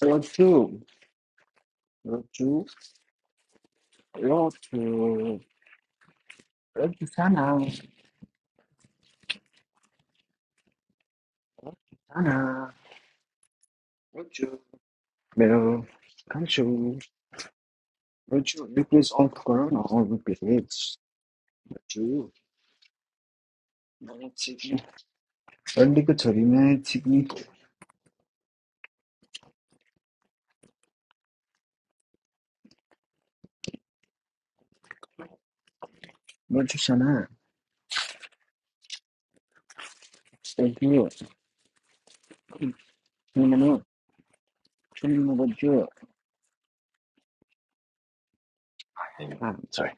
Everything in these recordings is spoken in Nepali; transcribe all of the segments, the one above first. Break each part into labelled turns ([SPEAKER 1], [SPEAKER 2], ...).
[SPEAKER 1] 여쭈, 여쭈, 여쭈, 여쭈 사나, 사나, 여쭈, 매우 감추, 여쭈, 리플레이스 온 거는 어, 리플레이스, 여쭈, 너는 지금, 얼리 그 저리네, 지금, 뭘 주잖아, 여쭈, 그러면은, 주는 거죠 아, sorry,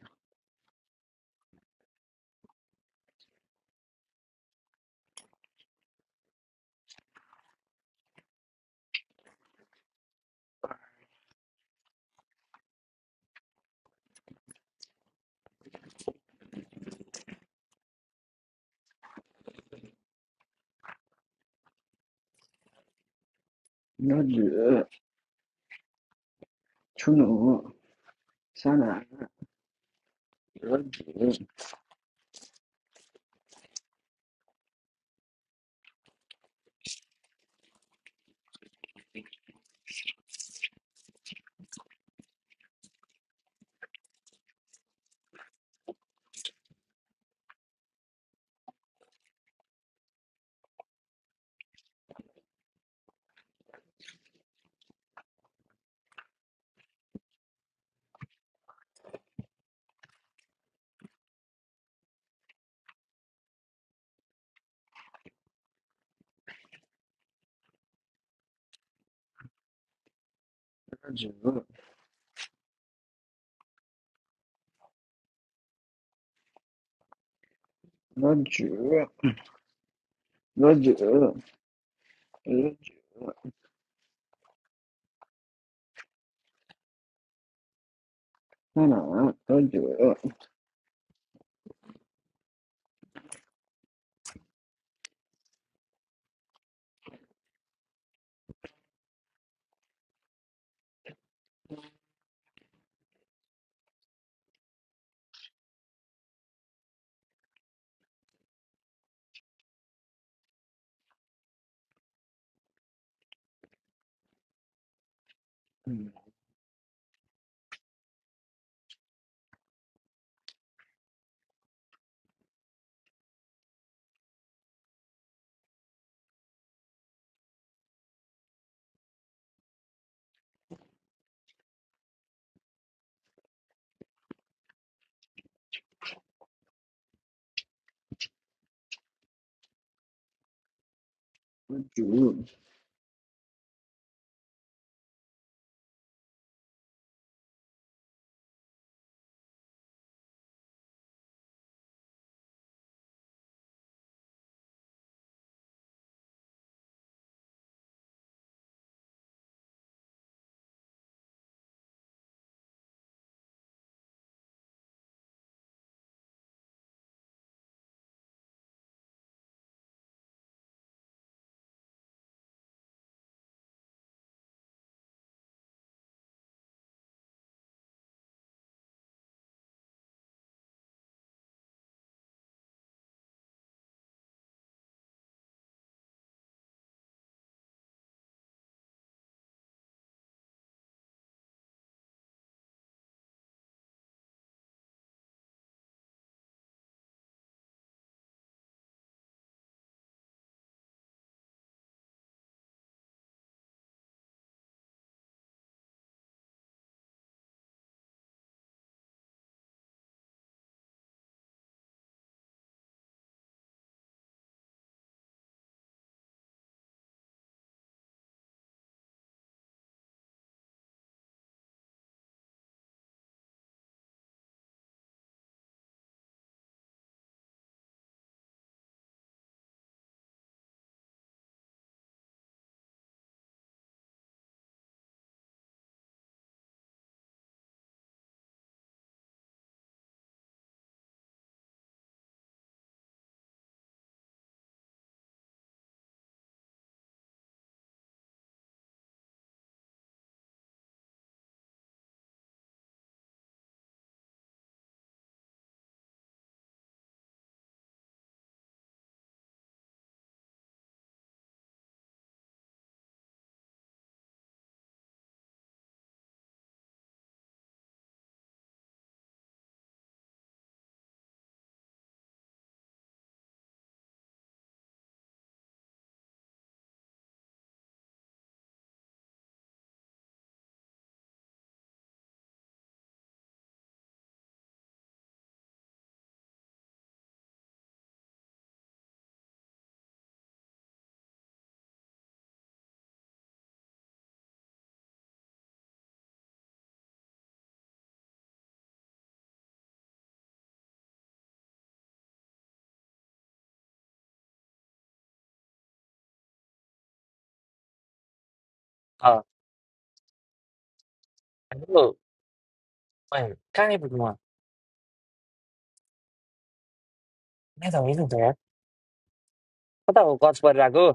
[SPEAKER 1] 여쭈, 주노, 사나, 여쭈, 여쭈, 여쭈, 여쭈, 여쭈, Sana, rujuk. Rujuk.
[SPEAKER 2] Oh, no! Why? Can I put them on? I don't know that yet. What about cosplay Lego?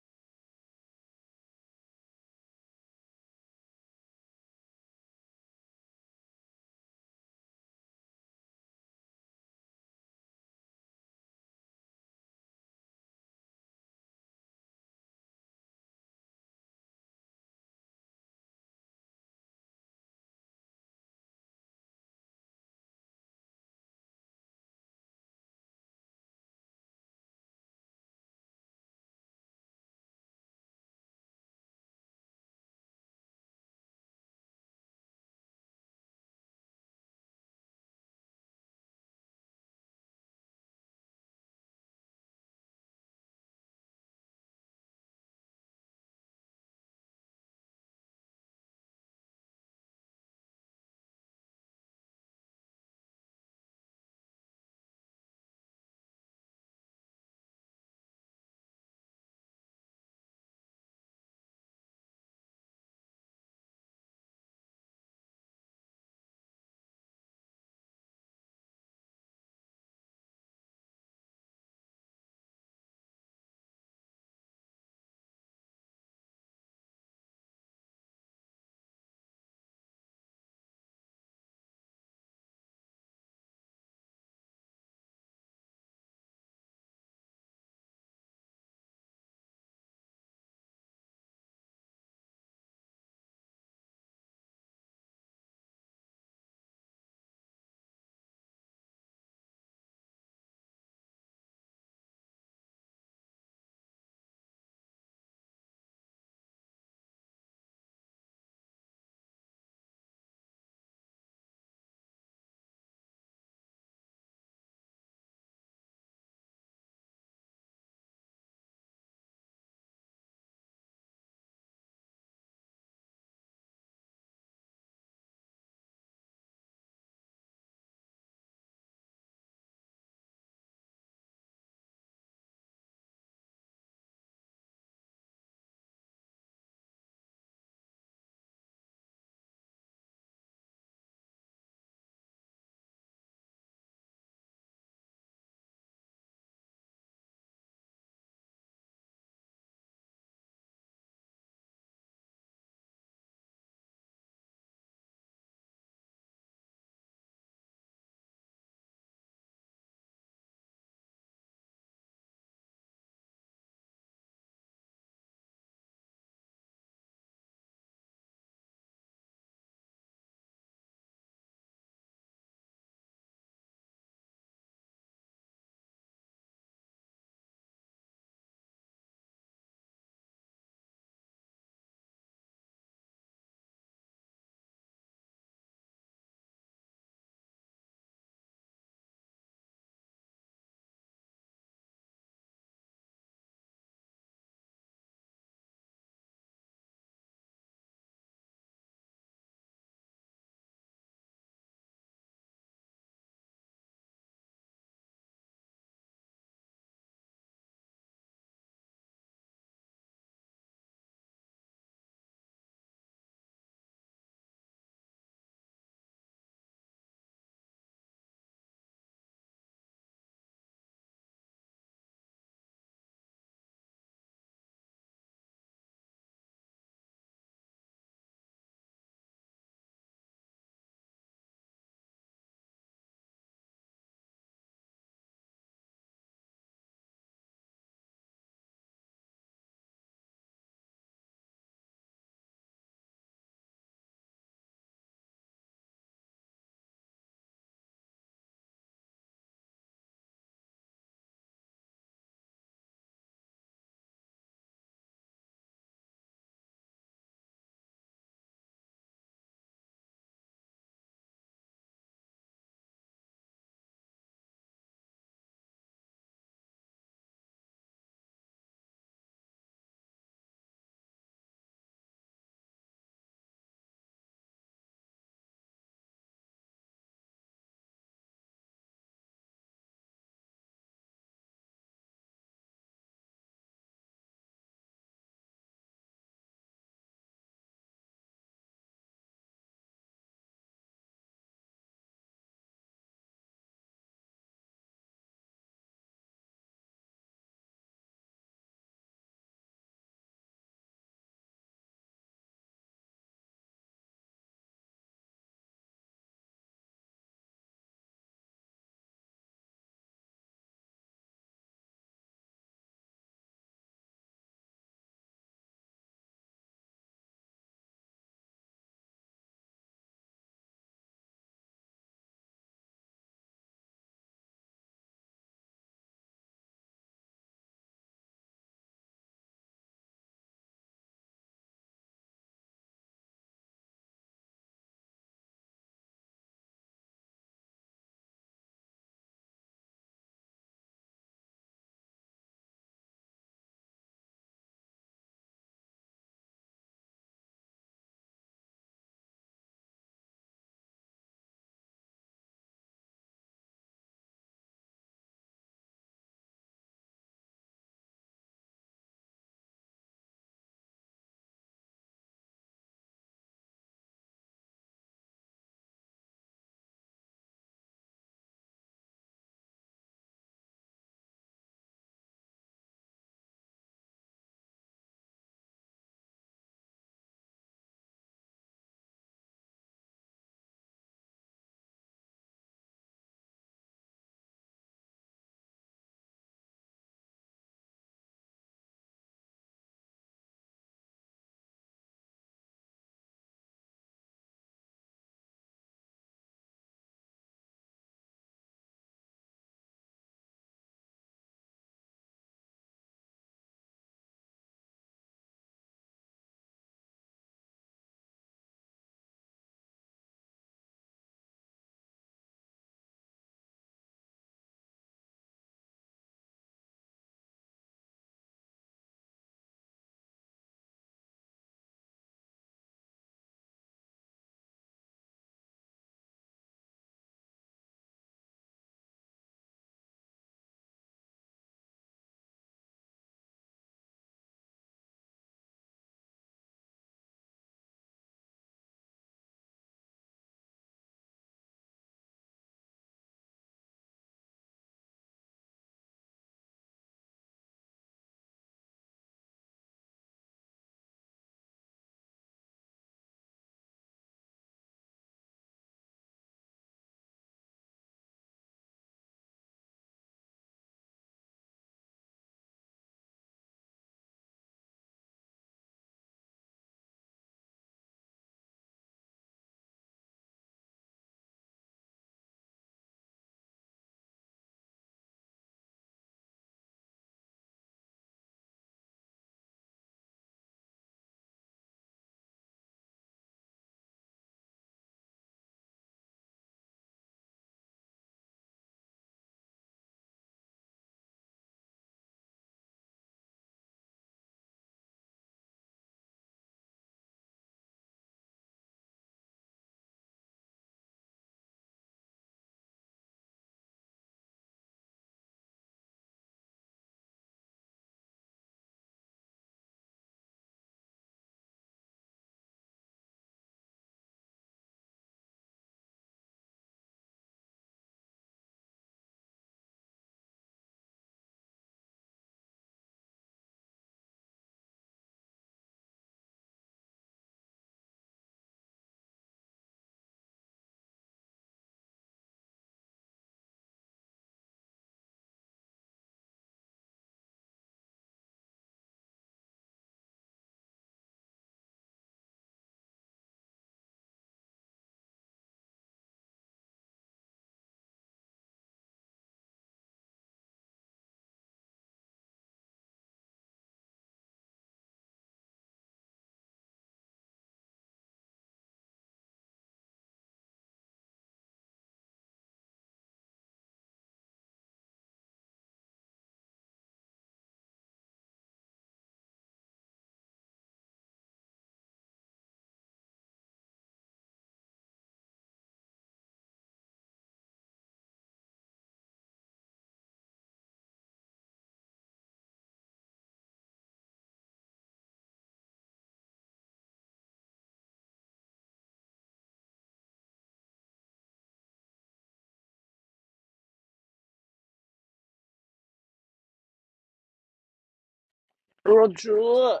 [SPEAKER 1] Roju,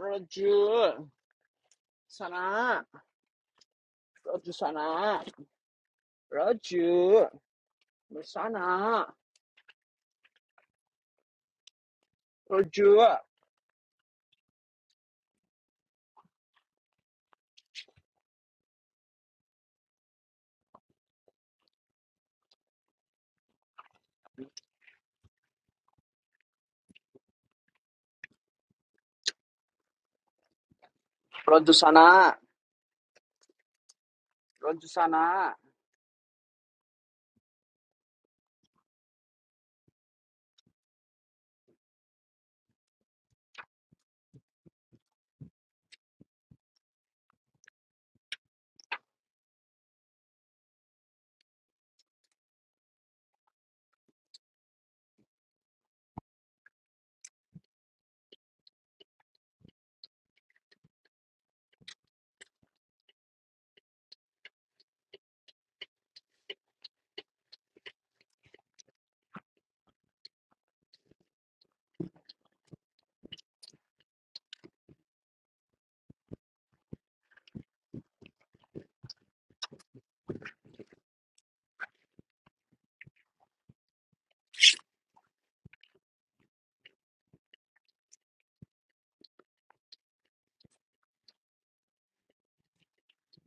[SPEAKER 1] Roju, sana, Roju sana, Roju, sana, Roju, Roju sana, Roju sana,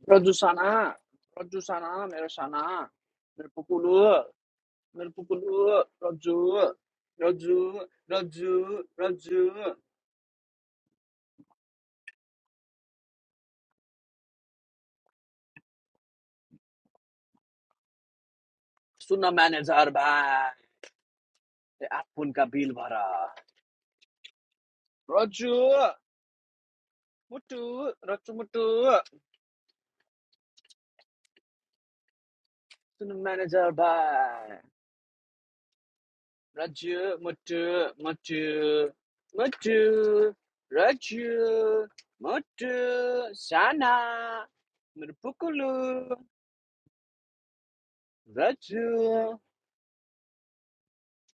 [SPEAKER 1] Roju sana, Roju sana, mere sana, mere pukulu, mere pukulu, Roju, Roju, Roju, Roju, Sunna manager by the Akpun Kabil Bara, Roju, Motor, Raju, motor. Tun manager ba? Raju, motor, motor, motor. Raju, motor. Sana, merpukulua. Raju,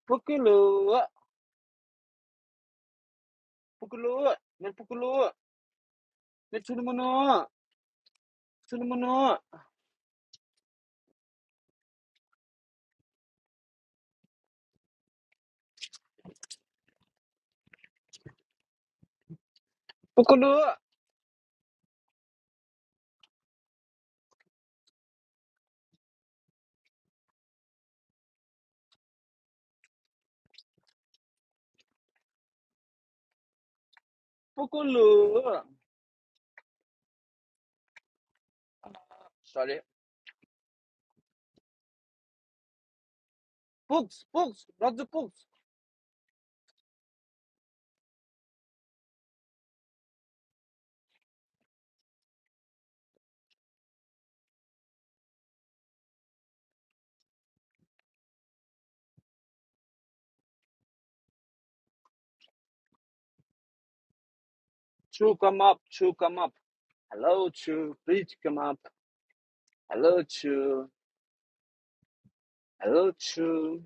[SPEAKER 1] pukulua, pukulua, merpukulua. Mercuri mano, mercuri mano. Pukulua, pukulua. Sorry. Puk, puk, Raju puk. Chu come up, chu come up. Hello, chu. Please come up. Hello, chu. Hello, true.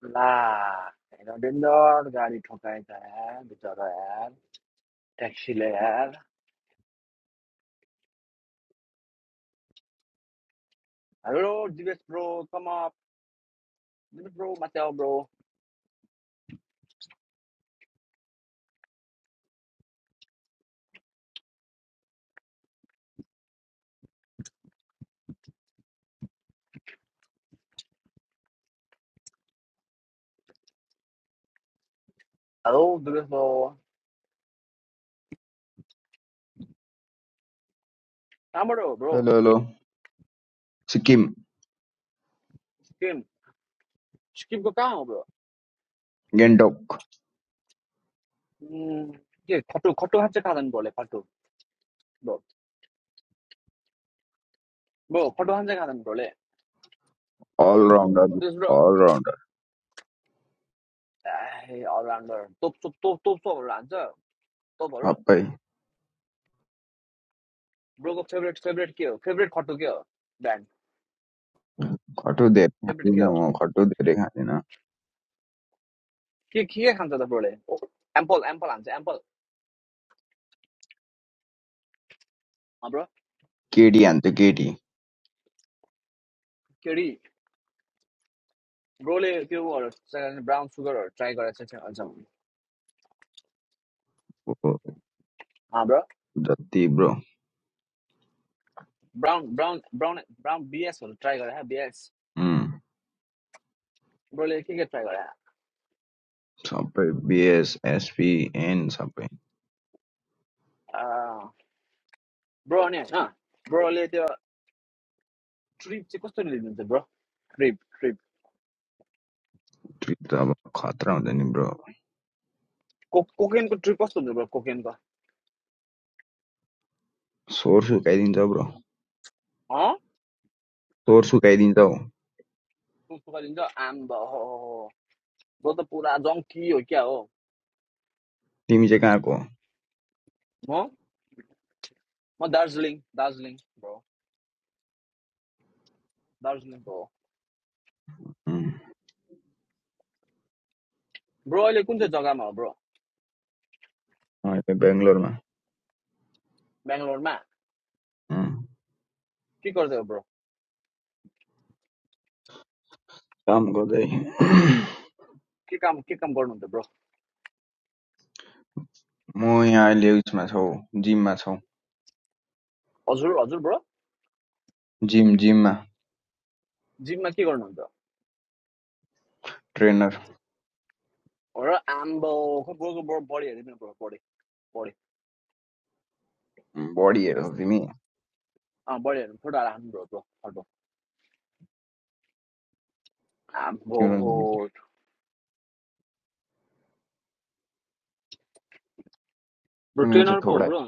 [SPEAKER 1] La, taxi lad. Hello, Dubis bro. Come up. Dubis bro, Mattel bro. Hello, Dubis bro. Tamaro bro.
[SPEAKER 3] Hello, hello. Sikkim,
[SPEAKER 1] Sikkim. Sikkim ko kahan ho bro?
[SPEAKER 3] Gangtok,
[SPEAKER 1] Hmm. ये खट्टु खट्टु हाँचे खाँदैन ब्रोले खट्टु ब्रो ब्रो खट्टु हाँचे खाँदैन ब्रोले
[SPEAKER 3] all rounder,
[SPEAKER 1] this bro
[SPEAKER 3] all rounder.
[SPEAKER 1] A all rounder तोप तोप तोप तोप तोपहरू हान्छ तोपहरू
[SPEAKER 3] Appai,
[SPEAKER 1] ब्रोको फेभरेट फेभरेट के हो फेभरेट खट्टु के हो ब्रान्ड
[SPEAKER 3] खटो धेरै
[SPEAKER 1] फेभरेट के
[SPEAKER 3] खाँदिनँ
[SPEAKER 1] हो
[SPEAKER 3] म खटो धेरै खाँदिनँ
[SPEAKER 1] के के खान्छ त ब्रोले एम्पल एम्पल हान्छ एम्पल
[SPEAKER 3] केटी हान्छु केटी
[SPEAKER 1] ब्रो ब्रोले त्यो उहरू ब्राउन सुगरहरू ट्राई गरेको छ अझ अँ
[SPEAKER 3] हो जति bro
[SPEAKER 1] brown brown brown brown बिएसहरू ट्राई गरे बिएस ब्रोले के के ट्राई गरे
[SPEAKER 3] सबै बिएस एसपी एन सबै
[SPEAKER 1] ब्रो अनि होइन ब्रोले त्यो ट्रिप चाहिँ कस्तो लिनुहुन्छ ब्रो ट्रिप ट्रिप
[SPEAKER 3] ट्रिप त अब खतरा हुन्छ नि ब्रो
[SPEAKER 1] को कोकेनको ट्रिप कस्तो हुन्छ ब्रो कोकेनको
[SPEAKER 3] स्वर सुकाइदिन्छ ब्रो
[SPEAKER 1] हँ
[SPEAKER 3] स्वर सुकाइदिन्छ हौ
[SPEAKER 1] पुस्तुका लिन्छ आम भ- हो हो, हो। ब्रो त पुरा जङ्की हो क्या हो
[SPEAKER 3] तिमी चाहिँ कहाँको हो?
[SPEAKER 1] म म दार्जिलिङ दार्जिलिङ ब्रो दार्जिलिङको हो
[SPEAKER 3] उम्,
[SPEAKER 1] ब्रो अहिले कुन चाहिँ जग्गामा हो ब्रो
[SPEAKER 3] म यहाँ बेङ्गलोरमा
[SPEAKER 1] बेङ्गलोरमा
[SPEAKER 3] उम्,
[SPEAKER 1] के गर्दै हो ब्रो
[SPEAKER 3] काम गर्दै
[SPEAKER 1] के काम के काम गर्नुहुन्छ ब्रो
[SPEAKER 3] म यहाँ अहिले उसमा छौ जिममा छौ
[SPEAKER 1] हजुर हजुर ब्रो
[SPEAKER 3] जिम जिममा
[SPEAKER 1] जिममा के गर्नुहुन्छ
[SPEAKER 3] ट्रेनर
[SPEAKER 1] र आम्बो खै ब्रोको ब्रो बडी हेरेँ मेरो ब्रो बडी बडी
[SPEAKER 3] बढी हेरौ तिमी
[SPEAKER 1] अँ बडी हेर्नु फोटो हाल हाल्नु ब्रो ब्रो फोटो
[SPEAKER 3] तिम्रो तिम्रो
[SPEAKER 1] आम्बो ब्रो ट्रेनर
[SPEAKER 3] चाहिँ
[SPEAKER 1] पो हो
[SPEAKER 3] थोरै
[SPEAKER 1] ब्रो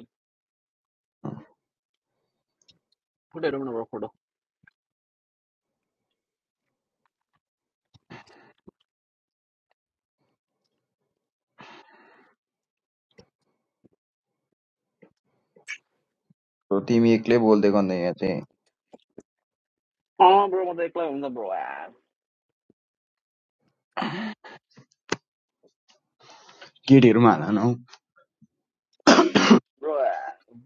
[SPEAKER 1] फोटो हेरौँ न ब्रो फोटो
[SPEAKER 3] हो तिमी एक्लै बोल्दै गर्ने यहाँ चाहिँ
[SPEAKER 1] अँ ब्रो म त एक्लै हुन्छ ब्रो
[SPEAKER 3] केटीहरूमा हाल न हौ
[SPEAKER 1] ब्रो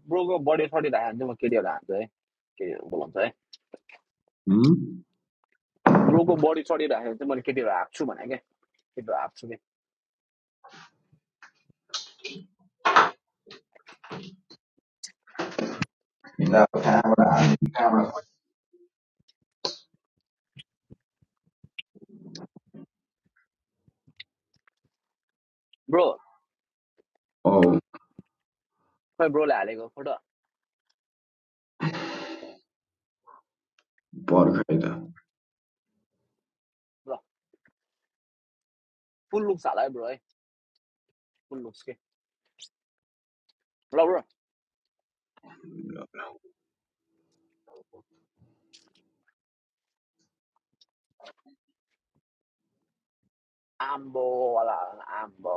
[SPEAKER 1] ब्रोको बडी सडिरहेको हाल्छु म केटीहरू हाल्छु है केटीहरू बोलाउँछ है
[SPEAKER 3] हुँ?
[SPEAKER 1] ब्रोको बडी सडिरहेको चाहिँ मैले केटीहरू हाँक्छु भने क्या केटीहरू हाँक्छु कि
[SPEAKER 3] ल, कहाँबाट हाल्ने, कहाँबाट खोज्ने?
[SPEAKER 1] ब्रो
[SPEAKER 3] औ
[SPEAKER 1] खै ब्रोले हालेको फोटो
[SPEAKER 3] पर्खै त
[SPEAKER 1] ल फुल लुक्स हाल है ब्रो है फुल लुक्स के ल ब्रो
[SPEAKER 3] हालेको
[SPEAKER 1] आम्बो वाला आम्बो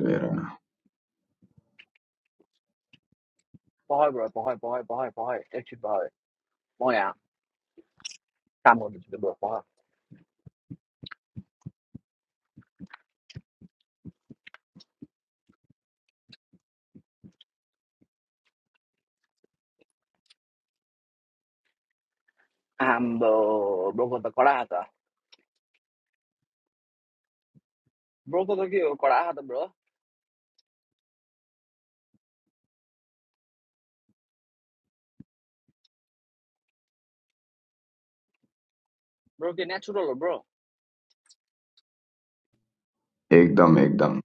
[SPEAKER 3] त हेर न
[SPEAKER 1] पहर ब्रो पहर पहर पहर पहर एकछिन पहर म यहाँ काम गर्दैछु त्यो ब्रोकमा आम्बो ब्रोको त कडा हात ब्रोको त के हो कडा हात ब्रो ब्रो के नेचुरल हो ब्रो
[SPEAKER 3] एकदम एकदम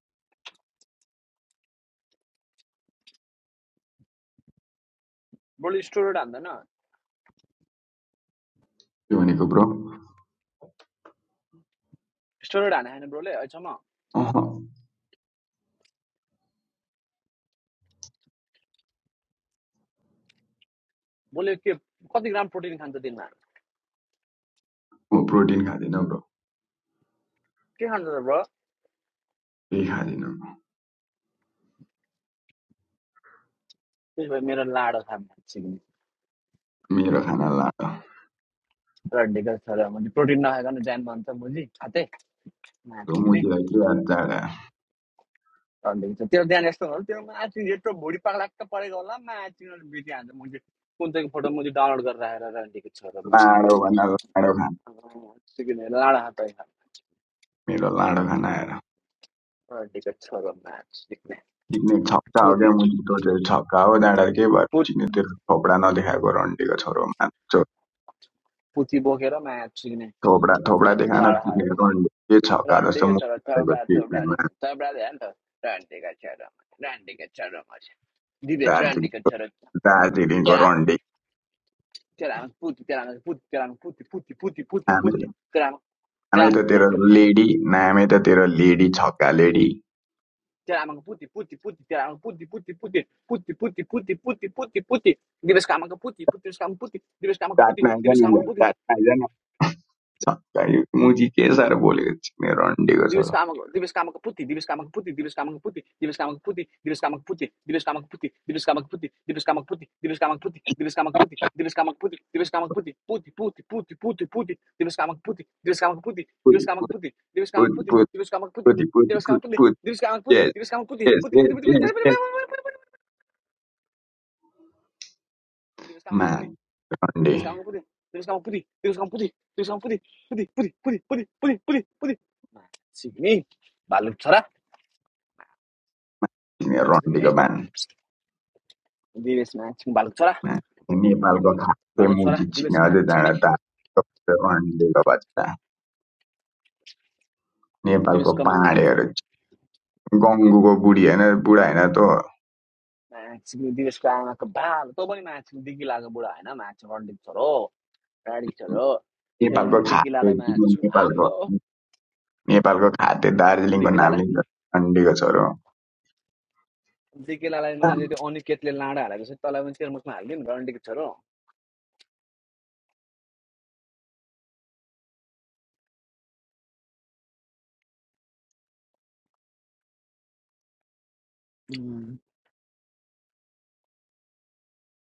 [SPEAKER 1] ब्रोले स्टोरोइड हान्दैन
[SPEAKER 3] के भनेको ब्रो
[SPEAKER 1] स्टोरोइड हाने छैन ब्रोले अहिलेसम्म
[SPEAKER 3] अह
[SPEAKER 1] ब्रोले के कति ग्राम प्रोटिन खान्छ दिनमा
[SPEAKER 3] म प्रोटिन खाँदिनँ ब्रो
[SPEAKER 1] के खान्छ त ब्रो
[SPEAKER 3] केही खाँदिनँ
[SPEAKER 1] त्यस भए मेरो लाडो खा मान्छे पनि
[SPEAKER 3] मेरो खाना लाडो
[SPEAKER 1] रड्डीको छ र मैले प्रोटिन नखाएको ज्यान भन्छ मुजी खाते माथि पनि
[SPEAKER 3] मुजीलाई के याद चाडा
[SPEAKER 1] रड्डीको छ तेरो ज्यान यस्तो होला तेरो माथि यत्रो भुँडी पाक्लाक्क परेको होला माथि बितिहाल्छ मुजी कुन चाहिँ फोटो मुजी डाउनलोड गरेर राखेर रड्डीको छ र मान्छे
[SPEAKER 3] लाडो भन्दा लाडो खाना
[SPEAKER 1] सिकिने लाडो हात
[SPEAKER 3] मेरो लाडो खाना आएर
[SPEAKER 1] टिकट सब मैच दिखने
[SPEAKER 3] चिक्ने छक्का हो
[SPEAKER 1] पूती
[SPEAKER 3] क्या मुनि टोचेर छक्का हो त्यहाँबाट के भयो
[SPEAKER 1] पूत
[SPEAKER 3] चिक्ने तेरो थोपडा नदेखाएको रन्डीको छोरो मान्छो
[SPEAKER 1] पूती बोकेर मैच दिखने
[SPEAKER 3] थोपडा थोपडा
[SPEAKER 1] मैच
[SPEAKER 3] देखान
[SPEAKER 1] लाड़ा हारा
[SPEAKER 3] चिक्ने रन्डी के छक्का
[SPEAKER 1] रंडी
[SPEAKER 3] जस्तो
[SPEAKER 1] के
[SPEAKER 3] मुख
[SPEAKER 1] चलो
[SPEAKER 3] भएको
[SPEAKER 1] तबड़ा
[SPEAKER 3] चिक्ने
[SPEAKER 1] तबड़ा रे में तबड़ा दे तो रंडी का चलो रंडी का चलो मच दिवे रंडी का
[SPEAKER 3] दार्जिलिङको
[SPEAKER 1] चलो
[SPEAKER 3] दार्जिलिङको
[SPEAKER 1] केरा
[SPEAKER 3] रन्डी
[SPEAKER 1] केरा पूती केरा पूती केरा पूती पूती पूती पूती
[SPEAKER 3] नामै
[SPEAKER 1] पूती केरा केरा
[SPEAKER 3] नामै त तेरो
[SPEAKER 1] पूती
[SPEAKER 3] लेडी नामै त तेरो लेडी छक्का लेडी
[SPEAKER 1] केरा पूती पूती पूती केरा पूती पूती पूती पूती पूती पूती पूती पूती पूती दिवस काम का पूती पूती काम पूती दिवस काम का पूती
[SPEAKER 3] चाट्न आइज
[SPEAKER 1] दिवस
[SPEAKER 3] न
[SPEAKER 1] काम का
[SPEAKER 3] ल,
[SPEAKER 1] पूती
[SPEAKER 3] चाट्न आइज न छक्का यो मुजी के साह्रो बोलेको चिक्ने रन्डीको
[SPEAKER 1] Dibis
[SPEAKER 3] छोरो
[SPEAKER 1] kamak dibis kamak putih, dibis kamak putih, dibis kamak putih, dibis kamak putih, dibis kamak putih, dibis kamak putih, dibis kamak putih, dibis kamak putih, dibis kamak putih, dibis kamak putih, dibis kamak putih, dibis kamak putih, putih, putih, putih, putih, putih, dibis kamak putih, dibis kamak putih, dibis
[SPEAKER 3] पुति
[SPEAKER 1] kamak putih, dibis kamak
[SPEAKER 3] पुति
[SPEAKER 1] putih,
[SPEAKER 3] पुति
[SPEAKER 1] dibis kamak putih,
[SPEAKER 3] पुति पुति
[SPEAKER 1] dibis kamak
[SPEAKER 3] पुति
[SPEAKER 1] putih,
[SPEAKER 3] पुति
[SPEAKER 1] dibis kamak putih,
[SPEAKER 3] यस
[SPEAKER 1] dibis kamak putih,
[SPEAKER 3] यस
[SPEAKER 1] putih, putih,
[SPEAKER 3] यस
[SPEAKER 1] putih,
[SPEAKER 3] यस
[SPEAKER 1] putih,
[SPEAKER 3] यस
[SPEAKER 1] putih, dibis kamak
[SPEAKER 3] मा
[SPEAKER 1] putih,
[SPEAKER 3] रन्डी
[SPEAKER 1] dibis kamak putih, dibis kamak putih, dibis kamak putih, dibis kamak putih, putih, putih, putih, putih, putih, putih, putih. Nah, sini, balik cara, sini.
[SPEAKER 3] रन्डीको भान्सामा
[SPEAKER 1] दिवेशमा आएको भालुक छोरा
[SPEAKER 3] नेपालको खासै
[SPEAKER 1] भालुक छोरा
[SPEAKER 3] मुजी छिक्ने
[SPEAKER 1] दिवेशमा
[SPEAKER 3] अझै
[SPEAKER 1] छिक्ने
[SPEAKER 3] डाँडा रन्डीको भट्टा नेपालको
[SPEAKER 1] दिवेशकोमा आयो
[SPEAKER 3] पाँडेहरू गङ्गुको बुढी होइन बुढा होइन त
[SPEAKER 1] माया छिक्ने दिवेशको आमाको भाल तँ पनि माया छिक्ने दिग्गी लाग्यो बुढा होइन माया छिक्ने रन्डित छोरो राडी छोरो त्यता
[SPEAKER 3] नेपालको
[SPEAKER 1] मैले
[SPEAKER 3] खाद्य
[SPEAKER 1] दिकिलालाई माया छु
[SPEAKER 3] नेपालको
[SPEAKER 1] आम्बो
[SPEAKER 3] नेपालको खाद्य दार्जिलिङको नाम
[SPEAKER 1] दिकिलालाई
[SPEAKER 3] लिन्छ रन्डीको छोरो
[SPEAKER 1] दिकिलालाई मैले त्यो अनिकेतले लाँडा हालेको छ तँलाई पनि तेरो मुखमा हालिदिउँ रन्डीको छोरो